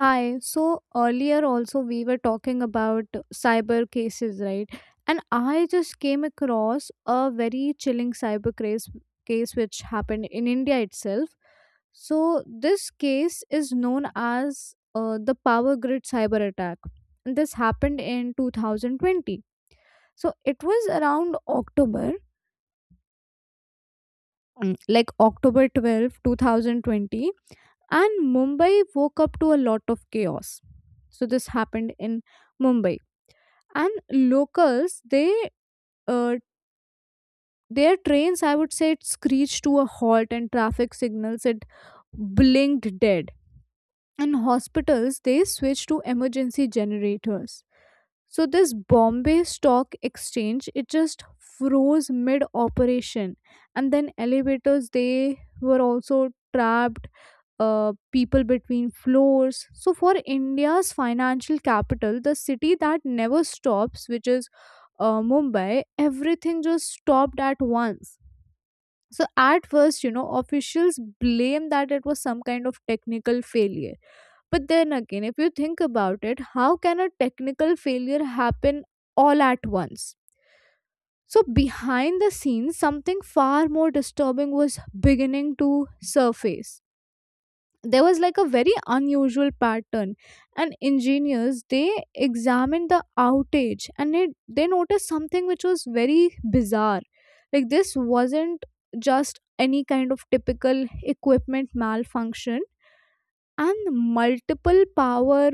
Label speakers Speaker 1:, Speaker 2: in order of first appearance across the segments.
Speaker 1: Hi. So earlier also we were talking about cyber cases, right? And I just came across a very chilling cyber case which happened in India itself. So this case is known as the power grid cyber attack. And this happened in 2020. So it was around October, like October 12th, two 2020, and Mumbai woke up to a lot of chaos. So this happened in Mumbai. And locals, they uh, their trains, I would say, it screeched to a halt, and traffic signals, it blinked dead, and hospitals, they switched to emergency generators. So this Bombay Stock Exchange, it just froze mid operation. And then elevators, they were also trapped, people between floors. So, for India's financial capital, the city that never stops, which is Mumbai, everything just stopped at once. So, at first, you know, officials blame that it was some kind of technical failure. But then again, if you think about it, how can a technical failure happen all at once? So, behind the scenes, something far more disturbing was beginning to surface. There was like a very unusual pattern, and engineers, they examined the outage, and they noticed something which was very bizarre. Like this wasn't just any kind of typical equipment malfunction, and multiple power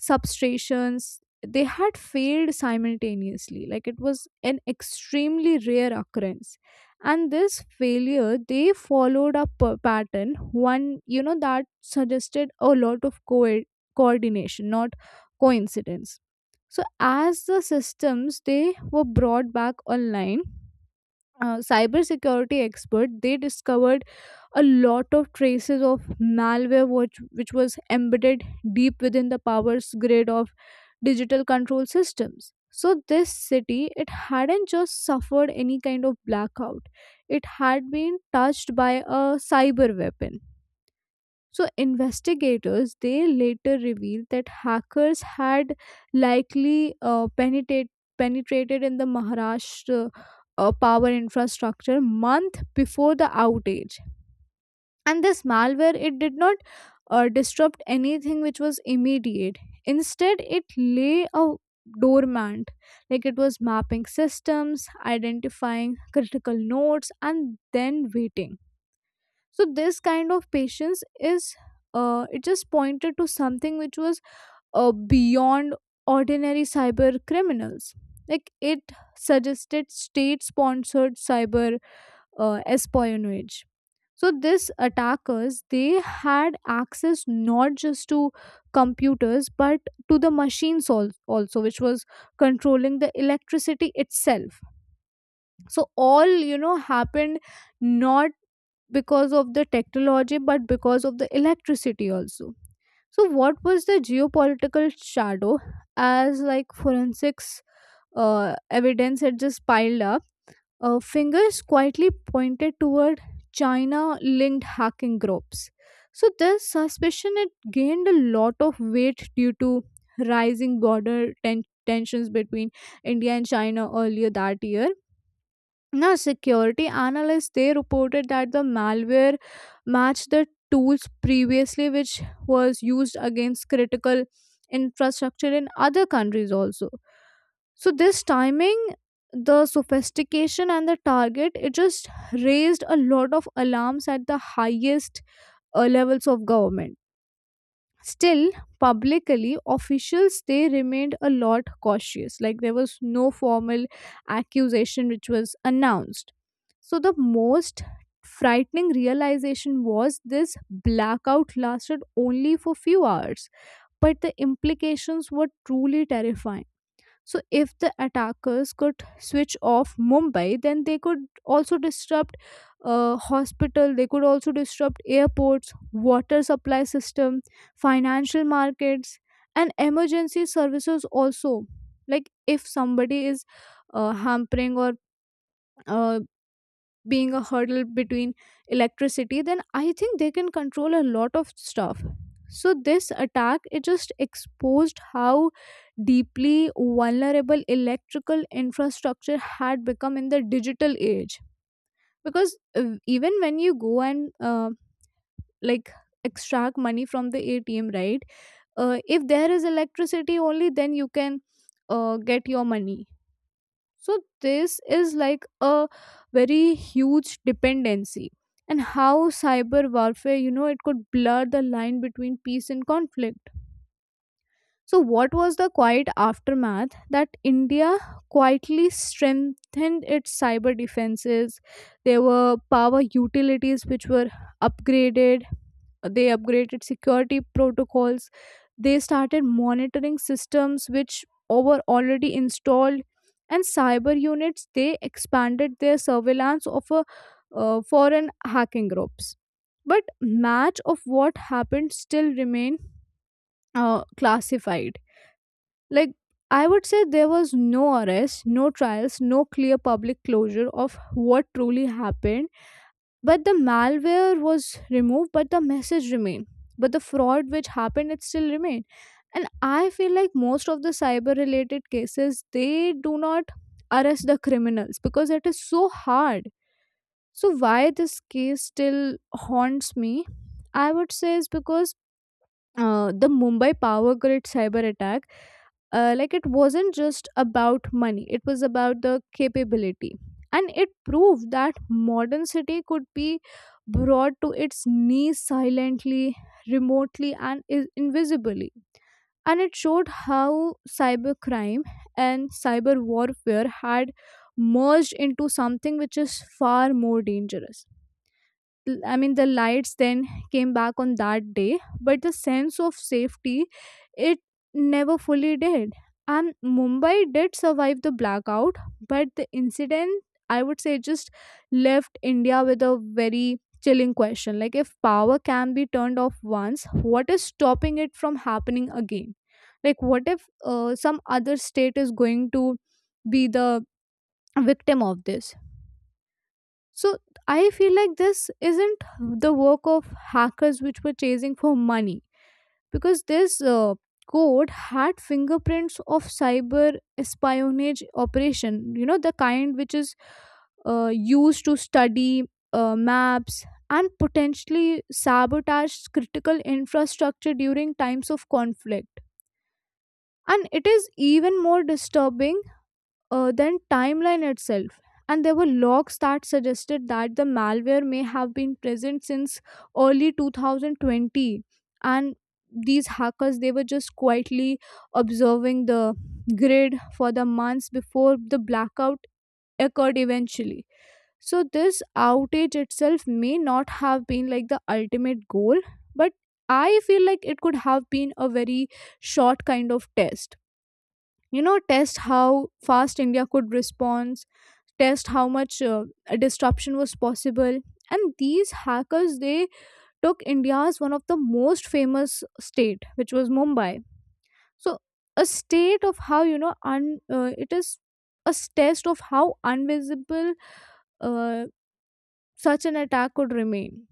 Speaker 1: substrations, they had failed simultaneously, like it was an extremely rare occurrence. And this failure, they followed a pattern, one, you know, that suggested a lot of coordination, not coincidence. So as the systems, they were brought back online, cybersecurity expert, they discovered a lot of traces of malware, which was embedded deep within the power grid of digital control systems. So this city, it hadn't just suffered any kind of blackout, it had been touched by a cyber weapon. So investigators, they later revealed that hackers had likely penetrated in the Maharashtra power infrastructure month before the outage. And this malware, it did not disrupt anything which was immediate. Instead, it lay a dormant, like it was mapping systems, identifying critical nodes, and then waiting. So this kind of patience is, it just pointed to something which was beyond ordinary cyber criminals, like it suggested state sponsored cyber espionage. So these attackers, they had access not just to computers but to the machines also, which was controlling the electricity itself. So all, you know, happened not because of the technology but because of the electricity also. So what was the geopolitical shadow? As like forensics evidence had just piled up, fingers quietly pointed toward China linked hacking groups. So, this suspicion, it gained a lot of weight due to rising border tensions between India and China earlier that year. Now, security analysts, they reported that the malware matched the tools previously, which was used against critical infrastructure in other countries also. So this timing, the sophistication, and the target, it just raised a lot of alarms at the highest levels of government. Still, publicly, officials, they remained a lot cautious. Like there was no formal accusation which was announced. So the most frightening realization was this blackout lasted only for few hours, but the implications were truly terrifying. So, if the attackers could switch off Mumbai, then they could also disrupt hospital. They could also disrupt airports, water supply system, financial markets, and emergency services. Also, like if somebody is hampering or uh, being a hurdle between electricity, then I think they can control a lot of stuff. So this attack, it just exposed how deeply vulnerable electrical infrastructure had become in the digital age. Because even when you go and like extract money from the ATM, right, if there is electricity only then you can get your money. So this is like a very huge dependency, and how cyber warfare, you know, it could blur the line between peace and conflict. So, what was the quiet aftermath? That India quietly strengthened its cyber defenses. There were power utilities which were upgraded, they upgraded security protocols, they started monitoring systems which were already installed, and cyber units, they expanded their surveillance of foreign hacking groups. But much of what happened still remain classified. Like, I would say there was no arrest, no trials, no clear public closure of what truly happened. But the malware was removed, but the message remained. But the fraud which happened, it still remained. And I feel like most of the cyber related cases, they do not arrest the criminals because it is so hard. So, why this case still haunts me, I would say, is because the Mumbai power grid cyber attack, like, it wasn't just about money, it was about the capability. And it proved that modern city could be brought to its knees silently, remotely, and invisibly. And it showed how cybercrime and cyber warfare had merged into something which is far more dangerous. I mean, the lights then came back on that day, but the sense of safety, it never fully did. And Mumbai did survive the blackout, but the incident, I would say, just left India with a very chilling question. Like, if power can be turned off once, what is stopping it from happening again? Like, what if some other state is going to be the victim of this? So I feel like this isn't the work of hackers which were chasing for money, because this code had fingerprints of cyber espionage operation. You know, the kind which is used to study maps and potentially sabotage critical infrastructure during times of conflict. And it is even more disturbing then timeline itself. And there were logs that suggested that the malware may have been present since early 2020. And these hackers, they were just quietly observing the grid for the months before the blackout occurred eventually. So, this outage itself may not have been like the ultimate goal, but I feel like it could have been a very short kind of test, you know, test how fast India could respond, test how much disruption was possible. And these hackers, they took India's one of the most famous state, which was Mumbai. So a state of how, you know, it is a test of how invisible uh, such an attack could remain.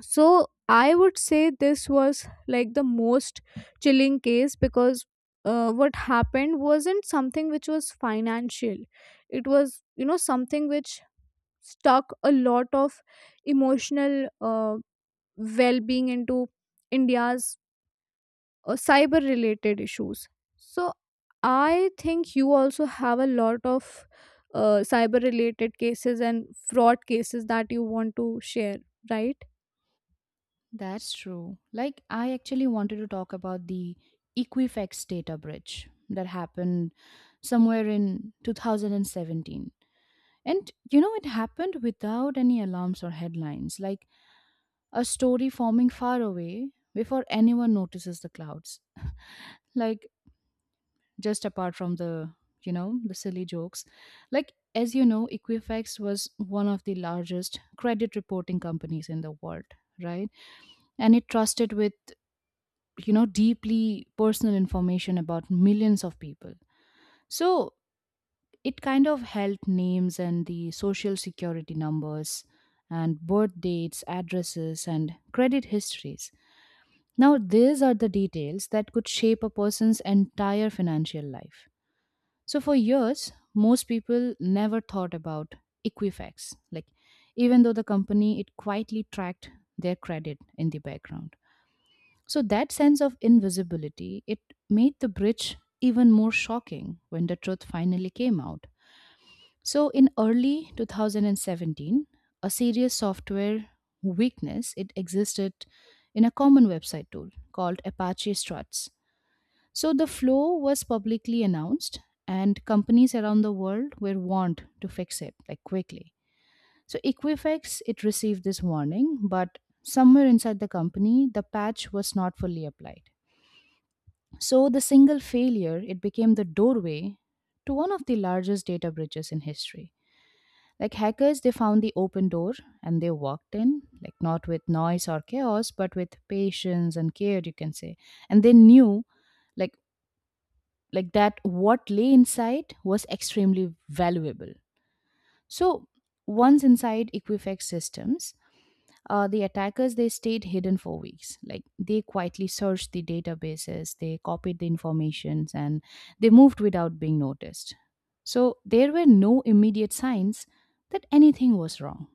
Speaker 1: So I would say this was like the most chilling case because what happened wasn't something which was financial. It was, you know, something which stuck a lot of emotional well being into India's cyber related issues. So I think you also have a lot of cyber related cases and fraud cases that you want to share, right?
Speaker 2: That's true. Like, I actually wanted to talk about the Equifax data breach that happened somewhere in 2017. And, you know, it happened without any alarms or headlines, like a story forming far away before anyone notices the clouds. Like, just apart from the silly jokes. Like, as you know, Equifax was one of the largest credit reporting companies in the world, right? And it trusted with, you know, deeply personal information about millions of people. So it kind of held names and the social security numbers and birth dates, addresses and credit histories. Now these are the details that could shape a person's entire financial life. So for years most people never thought about Equifax, like even though the company, it quietly tracked their credit in the background. So that sense of invisibility, it made the bridge even more shocking when the truth finally came out. So in early 2017, a serious software weakness it existed in a common website tool called Apache Struts. So the flow was publicly announced and companies around the world were warned to fix it, like quickly. So Equifax it received this warning, but somewhere inside the company the patch was not fully applied. So the single failure, it became the doorway to one of the largest data breaches in history. Like hackers, they found the open door and they walked in, like not with noise or chaos, but with patience and care, you can say. And they knew, like like that what lay inside was extremely valuable. So once inside Equifax systems, the attackers they stayed hidden for weeks. Like they quietly searched the databases, they copied the informations, and they moved without being noticed. So there were no immediate signs that anything was wrong.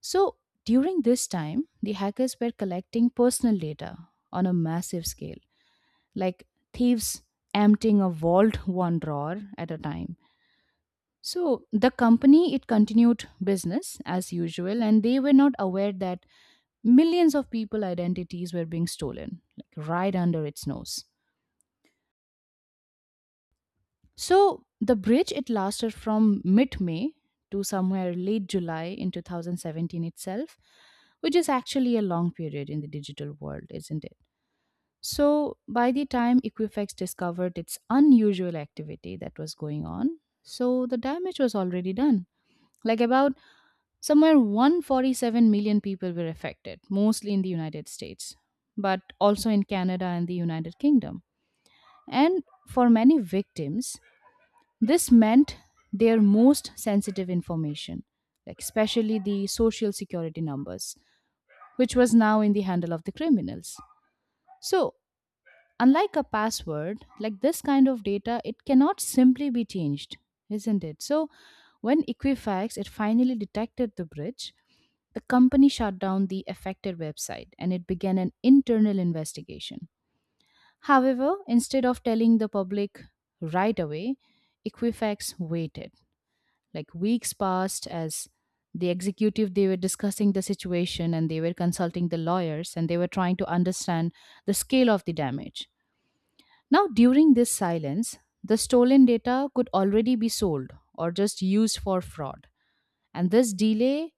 Speaker 2: So during this time, the hackers were collecting personal data on a massive scale, like thieves emptying a vault one drawer at a time. So the company it continued business as usual and they were not aware that millions of people identities were being stolen, like right under its nose. So the bridge it lasted from mid-May to somewhere late July in 2017 itself, which is actually a long period in the digital world, isn't it? So by the time Equifax discovered its unusual activity that was going on, so the damage was already done. Like about somewhere 147 million people were affected, mostly in the United States, but also in Canada and the United Kingdom. And for many victims, this meant their most sensitive information, like especially the social security numbers, which was now in the handle of the criminals. So, unlike a password, like this kind of data, it cannot simply be changed, isn't it? So, when Equifax it finally detected the breach, the company shut down the affected website and it began an internal investigation. However, instead of telling the public right away, Equifax waited. Like weeks passed as the executive they were discussing the situation and they were consulting the lawyers and they were trying to understand the scale of the damage. Now, during this silence, the stolen data could already be sold or just used for fraud. And this delay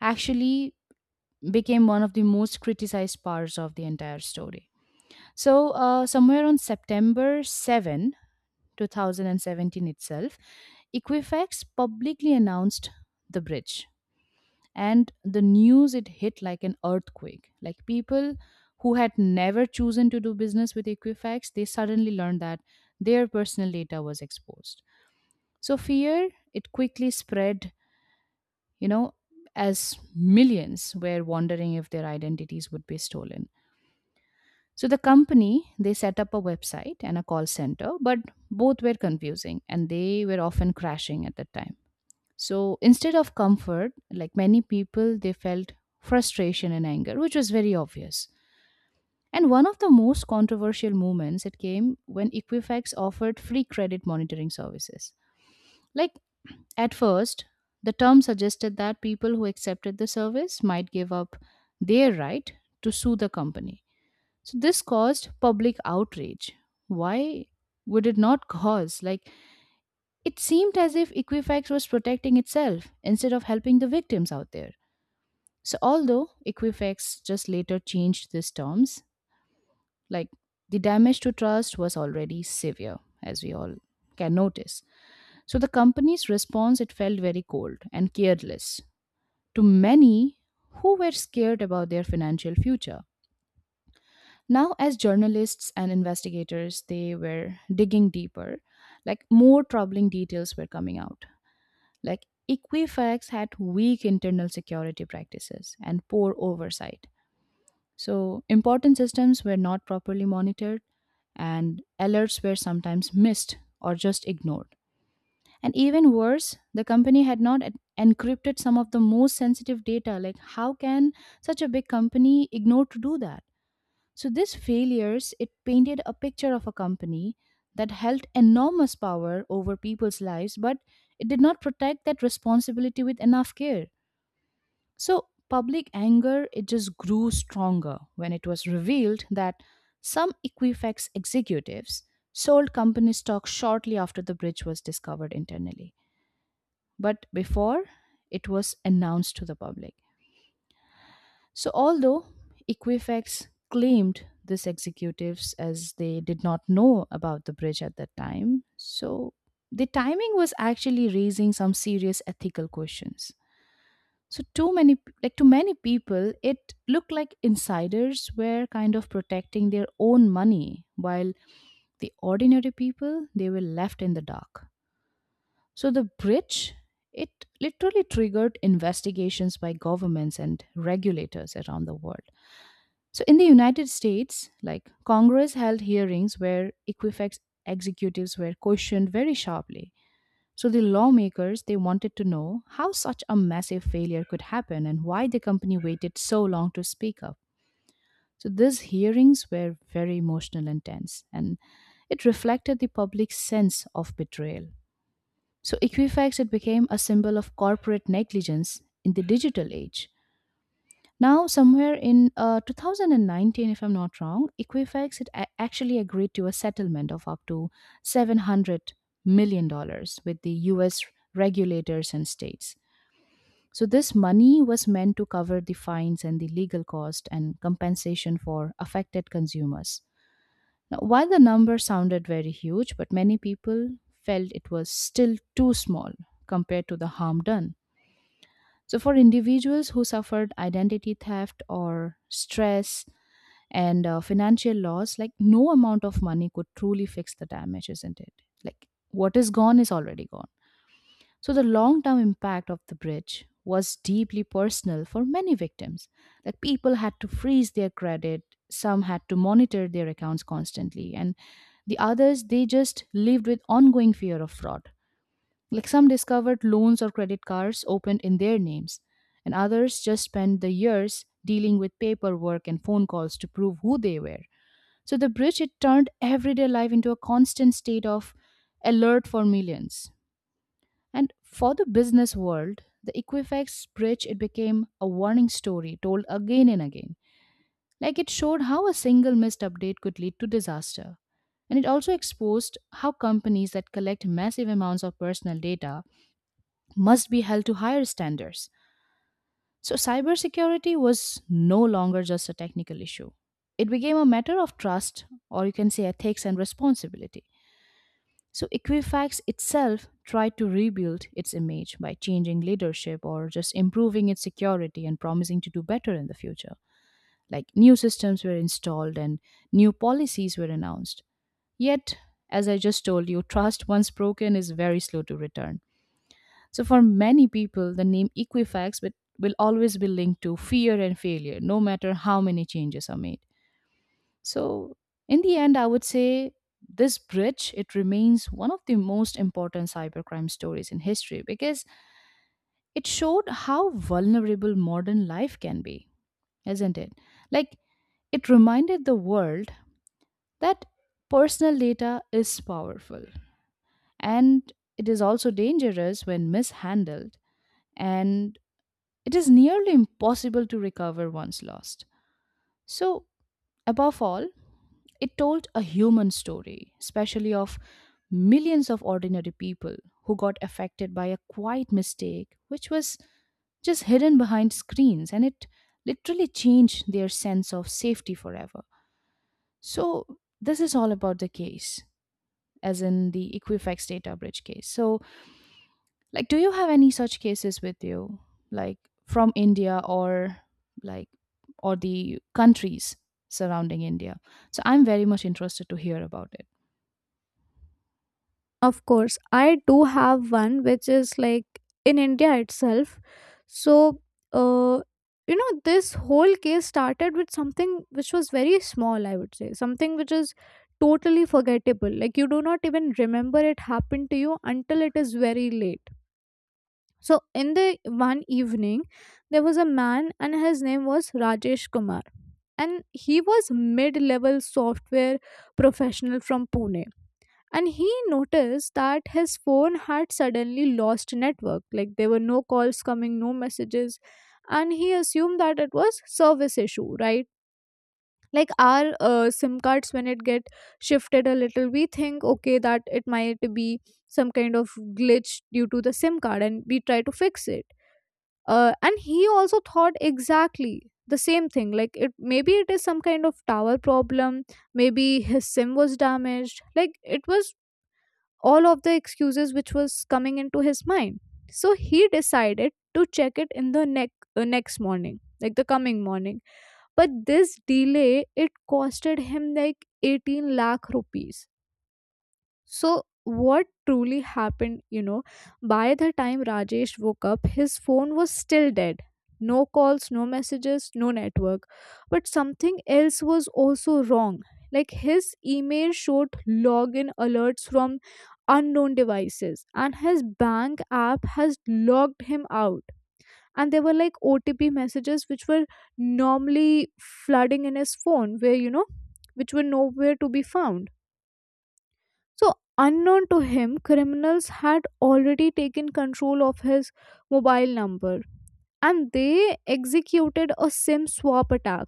Speaker 2: actually became one of the most criticized parts of the entire story. So, somewhere on September 7, 2017 itself, Equifax publicly announced the bridge. And the news, it hit like an earthquake. Like people who had never chosen to do business with Equifax, they suddenly learned that their personal data was exposed. So, fear, it quickly spread, you know, as millions were wondering if their identities would be stolen. So the company, they set up a website and a call center, but both were confusing and they were often crashing at that time. So instead of comfort, like many people, they felt frustration and anger, which was very obvious. And one of the most controversial moments it came when Equifax offered free credit monitoring services. Like at first, the term suggested that people who accepted the service might give up their right to sue the company, so this caused public outrage. Why would it not cause? Like, it seemed as if Equifax was protecting itself instead of helping the victims out there. So, although Equifax just later changed these terms, like the damage to trust was already severe, as we all can notice. So, the company's response, it felt very cold and careless to many who were scared about their financial future. Now, as journalists and investigators, they were digging deeper. Like, more troubling details were coming out. Like, Equifax had weak internal security practices and poor oversight. So, important systems were not properly monitored, and alerts were sometimes missed or just ignored. And even worse, the company had not encrypted some of the most sensitive data. Like, how can such a big company ignore to do that? So these failures, it painted a picture of a company that held enormous power over people's lives, but it did not protect that responsibility with enough care. So public anger, it just grew stronger when it was revealed that some Equifax executives sold company stock shortly after the bridge was discovered internally, but before it was announced to the public. So, although Equifax claimed this executives as they did not know about the bridge at that time, so the timing was actually raising some serious ethical questions. So, too many, like to many people, it looked like insiders were kind of protecting their own money, while the ordinary people they were left in the dark. So, the bridge it literally triggered investigations by governments and regulators around the world. So, in the United States, like Congress held hearings where Equifax executives were questioned very sharply. So, the lawmakers they wanted to know how such a massive failure could happen and why the company waited so long to speak up. So, these hearings were very emotional and tense, and it reflected the public's sense of betrayal. So, Equifax it became a symbol of corporate negligence in the digital age. Now, somewhere in 2019, if I'm not wrong, Equifax it actually agreed to a settlement of up to 700 million dollars with the U.S. regulators and states. So this money was meant to cover the fines and the legal cost and compensation for affected consumers. Now, while the number sounded very huge, but many people felt it was still too small compared to the harm done. So, for individuals who suffered identity theft or stress, and financial loss, like no amount of money could truly fix the damage, isn't it? Like what is gone is already gone. So the long term impact of the bridge was deeply personal for many victims. Like people had to freeze their credit, some had to monitor their accounts constantly, and the others they just lived with ongoing fear of fraud. Like some discovered loans or credit cards opened in their names, and others just spent the years dealing with paperwork and phone calls to prove who they were. So the bridge it turned everyday life into a constant state of alert for millions. And for the business world, the Equifax bridge it became a warning story told again and again. Like it showed how a single missed update could lead to disaster. And it also exposed how companies that collect massive amounts of personal data must be held to higher standards. So, cybersecurity was no longer just a technical issue. It became a matter of trust, or you can say ethics and responsibility. So Equifax itself tried to rebuild its image by changing leadership or just improving its security and promising to do better in the future. Like new systems were installed and new policies were announced. Yet, as I just told you, trust once broken is very slow to return. So for many people, the name Equifax will always be linked to fear and failure, no matter how many changes are made. So, in the end, I would say this bridge it remains one of the most important cybercrime stories in history because it showed how vulnerable modern life can be, isn't it? Like it reminded the world that personal data is powerful and it is also dangerous when mishandled and it is nearly impossible to recover once lost. So, above all, it told a human story, especially of millions of ordinary people who got affected by a quiet mistake which was just hidden behind screens and it literally changed their sense of safety forever. So, this is all about the case, as in the Equifax data breach case. So, like, do you have any such cases with you, like from India or like or the countries surrounding India? So I'm very much interested to hear about it.
Speaker 1: Of course, I do have one which is like in India itself. So, uh, you know, this whole case started with something which was very small, I would say, something which is totally forgettable. Like, you do not even remember it happened to you until it is very late. So, in the one evening, there was a man, and his name was Rajesh Kumar. And he was mid level software professional from Pune. And he noticed that his phone had suddenly lost network, like there were no calls coming, no messages. And he assumed that it was service issue, right? Like our sim cards, when it get shifted a little, we think, okay, that it might be some kind of glitch due to the sim card, and we try to fix it. And he also thought exactly the same thing, like it maybe it is some kind of tower problem, maybe his sim was damaged, like it was all of the excuses which was coming into his mind. So he decided to check it in the next morning, like the coming morning. But this delay, it costed him like 18 lakh rupees. So, what truly happened, you know, by the time Rajesh woke up, his phone was still dead. No calls, no messages, no network. But something else was also wrong. Like his email showed login alerts from unknown devices, and his bank app has logged him out. And there were like OTP messages which were normally flooding in his phone, where, you know, which were nowhere to be found. So, unknown to him, criminals had already taken control of his mobile number, and they executed a SIM swap attack.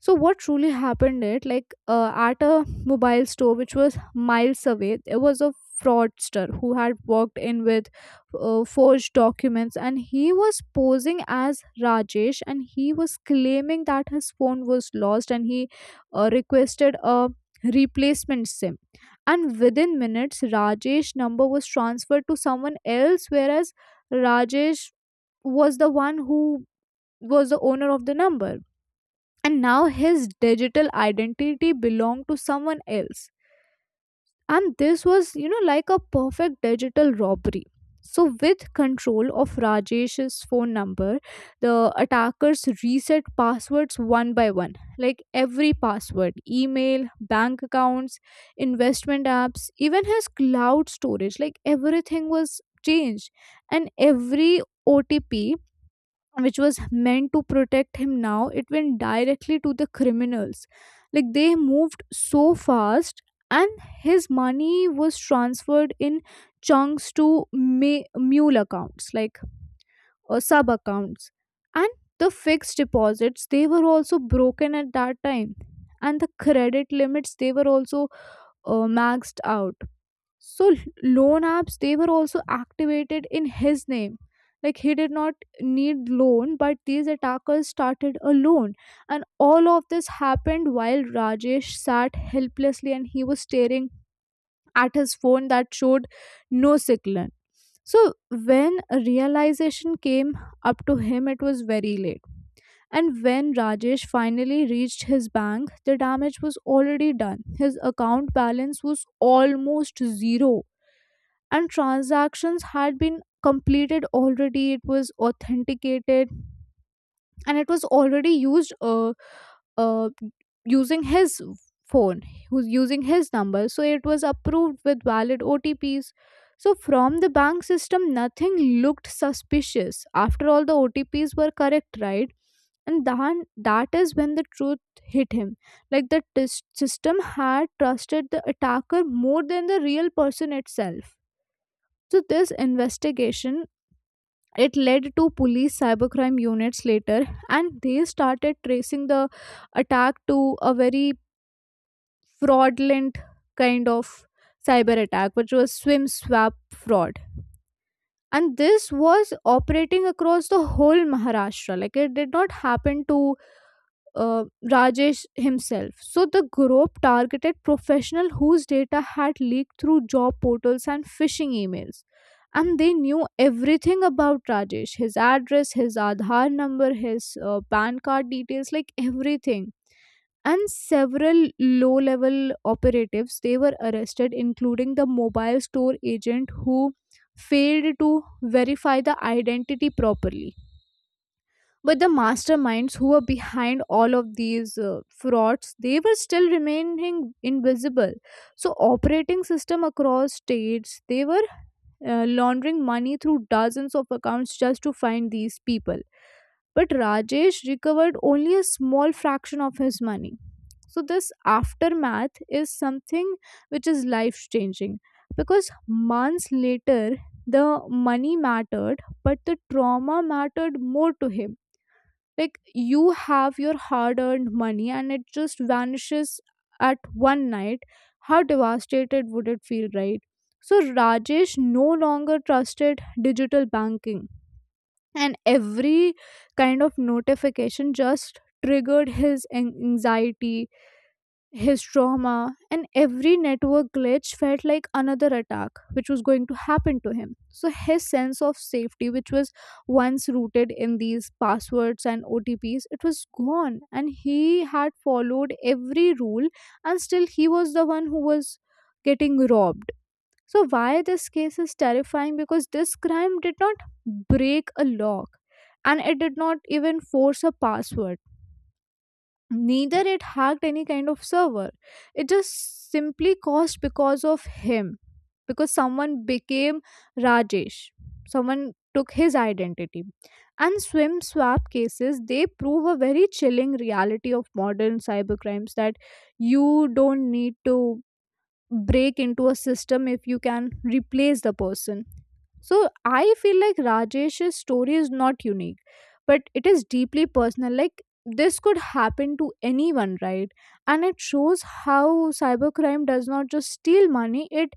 Speaker 1: So what truly happened it like at a mobile store which was miles away, there was a fraudster who had walked in with forged documents, and he was posing as Rajesh, and he was claiming that his phone was lost, and he requested a replacement sim. And within minutes, Rajesh number was transferred to someone else, whereas Rajesh was the one who was the owner of the number, and now his digital identity belonged to someone else. And this was like a perfect digital robbery. So with control of Rajesh's phone number, the attackers reset passwords one by one, like every password, email, bank accounts, investment apps, even his cloud storage. Like everything was changed, and every otp which was meant to protect him now it went directly to the criminals. Like they moved so fast, and his money was transferred in chunks to mule accounts, like sub accounts. And the fixed deposits, they were also broken at that time, and the credit limits, they were also maxed out. so l- Loan apps, they were also activated in his name. Like, he did not need loan, but these attackers started a loan. And all of this happened while Rajesh sat helplessly, and he was staring at his phone that showed no signal. So when a realization came up to him, it was very late. And when Rajesh finally reached his bank, the damage was already done. His account balance was almost zero, and transactions had been completed already. It was authenticated and it was already used, uh, using his phone, who's using his number, so it was approved with valid otps. So from the bank system, nothing looked suspicious. After all, the otps were correct, right? And then that is when the truth hit him, like the system had trusted the attacker more than the real person itself. So this investigation, it led to police cybercrime units later, and they started tracing the attack to a very fraudulent kind of cyber attack, which was swim swap fraud. And this was operating across the whole Maharashtra. Like, it did not happen to uh, Rajesh himself. So the group targeted professional whose data had leaked through job portals and phishing emails. And they knew everything about Rajesh, his address, his Aadhaar number, his PAN card details, like everything. And several low level operatives, they were arrested, including the mobile store agent who failed to verify the identity properly. But the masterminds who were behind all of these frauds, they were still remaining invisible. So operating system across states, they were laundering money through dozens of accounts just to find these people. But Rajesh recovered only a small fraction of his money. So this aftermath is something which is life changing, because months later, the money mattered, but the trauma mattered more to him. Like, you have your hard earned money and it just vanishes at one night. How devastated would it feel, right? So Rajesh no longer trusted digital banking, and every kind of notification just triggered his anxiety, his trauma, and every network glitch felt like another attack which was going to happen to him. So his sense of safety, which was once rooted in these passwords and OTPs, it was gone. And he had followed every rule, and still he was the one who was getting robbed. So, why this case is terrifying? Because this crime did not break a lock, and it did not even force a password. Neither it hacked any kind of server. It just simply caused because of him. Because someone became Rajesh. Someone took his identity. And swim swap cases, they prove a very chilling reality of modern cybercrimes, that you don't need to break into a system if you can replace the person. So I feel like Rajesh's story is not unique, but it is deeply personal. Like, this could happen to anyone, right? And it shows how cybercrime does not just steal money, it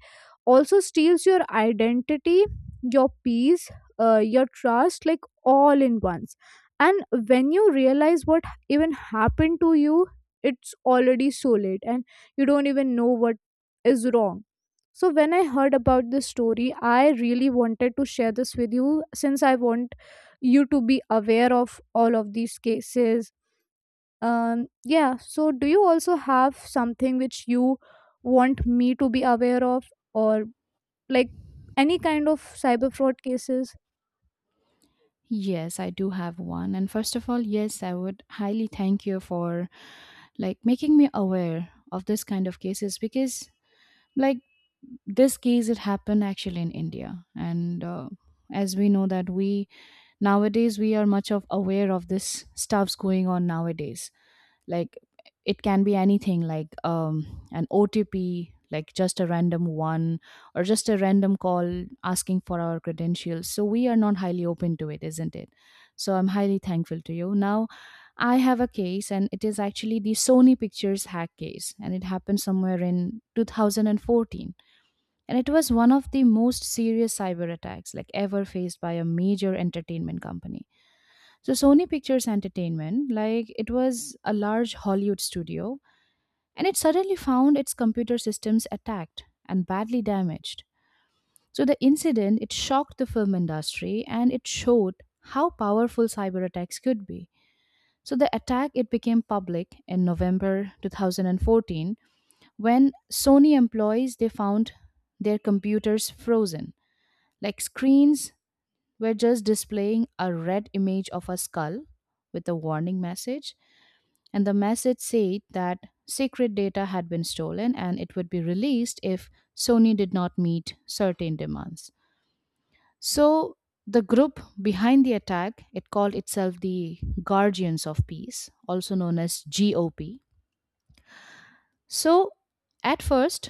Speaker 1: also steals your identity, your peace, your trust, like all in once. And when you realize what even happened to you, it's already so late, and you don't even know what is wrong. So when I heard about this story, I really wanted to share this with you, since I want you to be aware of all of these cases. Yeah, so do you also have something which you want me to be aware of, or like any kind of cyber fraud cases?
Speaker 2: Yes, I do have one. And first of all, yes, I would highly thank you for making me aware of this kind of cases because like this case it happened actually in India, and as we know that we nowadays we are much of aware of this stuffs going on nowadays. like it can be anything like an otp, like just a random one or just a random call asking for our credentials, so we are not highly open to it, isn't it? So I'm highly thankful to you. Now I have a case and it is actually the Sony Pictures hack case, and it happened somewhere in 2014. And it was one of the most serious cyber attacks like ever faced by a major entertainment company. So Sony Pictures Entertainment, like it was a large Hollywood studio, and it suddenly found its computer systems attacked and badly damaged. So the incident it shocked the film industry and it showed how powerful cyber attacks could be. So the attack it became public in November 2014 when Sony employees they found their computers frozen. Like screens were just displaying a red image of a skull with a warning message, and the message said that secret data had been stolen and it would be released if Sony did not meet certain demands. So the group behind the attack, it called itself the Guardians of Peace, also known as GOP. So at first,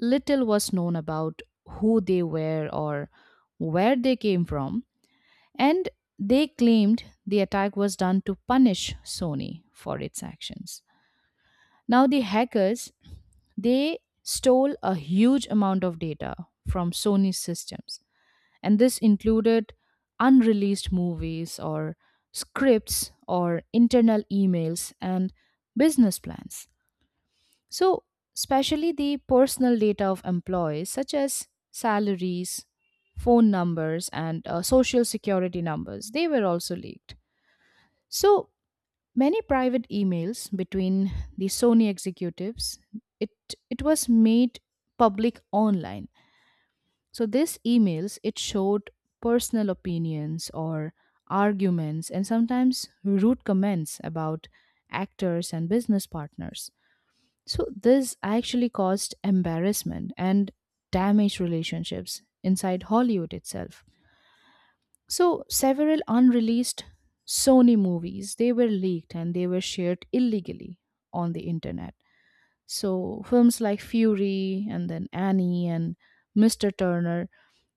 Speaker 2: little was known about who they were or where they came from, and they claimed the attack was done to punish Sony for its actions. Now, the hackers, they stole a huge amount of data from Sony's systems, and this included unreleased movies or scripts or internal emails and business plans. So, especially the personal data of employees, such as salaries, phone numbers, and social security numbers, they were also leaked. So, many private emails between the Sony executives, it, it was made public online. So these emails, it showed personal opinions or arguments and sometimes rude comments about actors and business partners. So this actually caused embarrassment and damaged relationships inside Hollywood itself. So, several unreleased Sony movies, they were leaked and they were shared illegally on the internet. So, films like Fury and then Annie and Mr. Turner,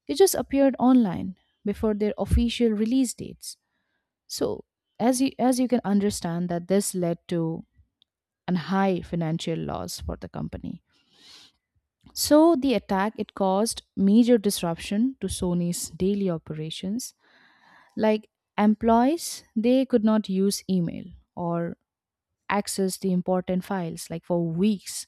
Speaker 2: they just appeared online before their official release dates. So, as you can understand that this led to an high financial loss for the company. So, the attack it caused major disruption to Sony's daily operations. Like employees, they could not use email or access the important files like for weeks.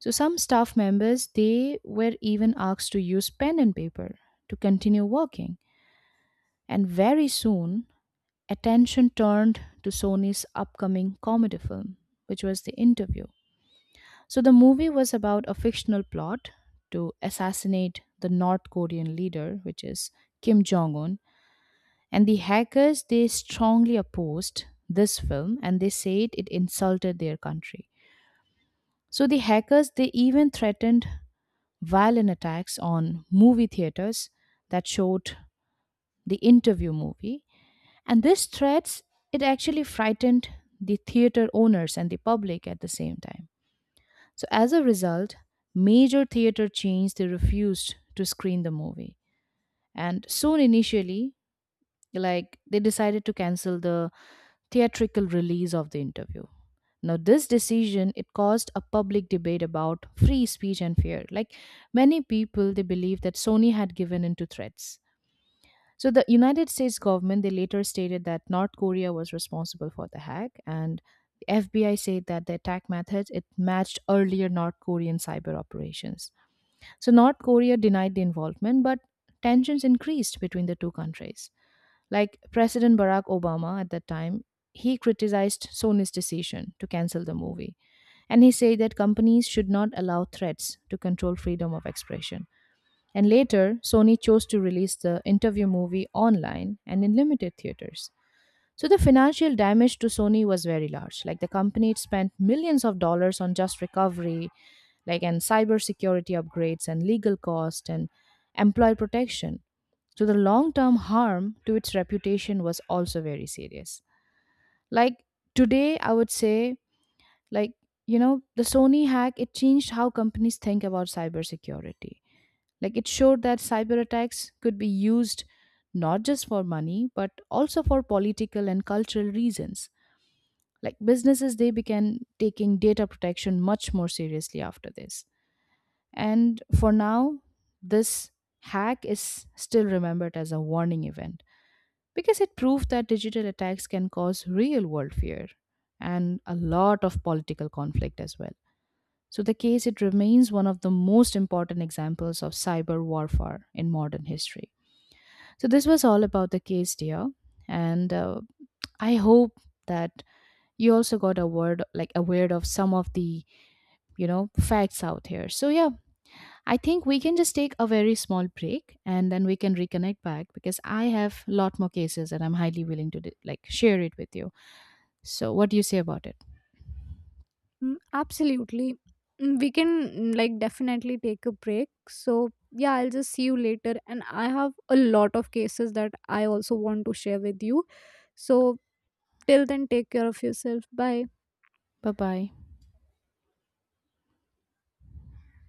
Speaker 2: So some staff members, they were even asked to use pen and paper to continue working. And very soon, attention turned to Sony's upcoming comedy film, which was The Interview. So the movie was about a fictional plot to assassinate the North Korean leader, which is Kim Jong un. And the hackers, they strongly opposed this film and they said it insulted their country. So the hackers, they even threatened violent attacks on movie theaters that showed the interview movie. And these threats, it actually frightened the theater owners and the public at the same time. So as a result, major theater chains, they refused to screen the movie. And soon initially, like they decided to cancel the theatrical release of the interview. Now, this decision it caused a public debate about free speech and fear. Like many people, they believe that Sony had given in to threats. So the United States government they later stated that North Korea was responsible for the hack, and the FBI said that the attack method it matched earlier North Korean cyber operations. So North Korea denied the involvement, but tensions increased between the two countries. Like President Barack Obama at that time, he criticized Sony's decision to cancel the movie. And he said that companies should not allow threats to control freedom of expression. And later, Sony chose to release the interview movie online and in limited theaters. So the financial damage to Sony was very large. Like the company it spent millions of dollars on just recovery, and cybersecurity upgrades and legal cost and employee protection. So the long term harm to its reputation was also very serious. Like Today, I would say, like, the Sony hack, it changed how companies think about cybersecurity. Like, it showed that cyber attacks could be used not just for money, but also for political and cultural reasons. Like, businesses, they began taking data protection much more seriously after this. And for now, this hack is still remembered as a warning event because it proved that digital attacks can cause real world fear and a lot of political conflict as well. So, the case it remains one of the most important examples of cyber warfare in modern history. So, this was all about the case, dear, and I hope that you also got a word like aware of some of the facts out here. So, yeah, I think we can just take a very small break and then we can reconnect back because I have a lot more cases and I'm highly willing to share it with you. So what do you say about it?
Speaker 1: Mm, absolutely. Mm, we can, like, definitely take a break. So, yeah, I'll just see you later. And I have a lot of cases that I also want to share with you. So, till then, take care of yourself. Bye.
Speaker 2: Bye bye.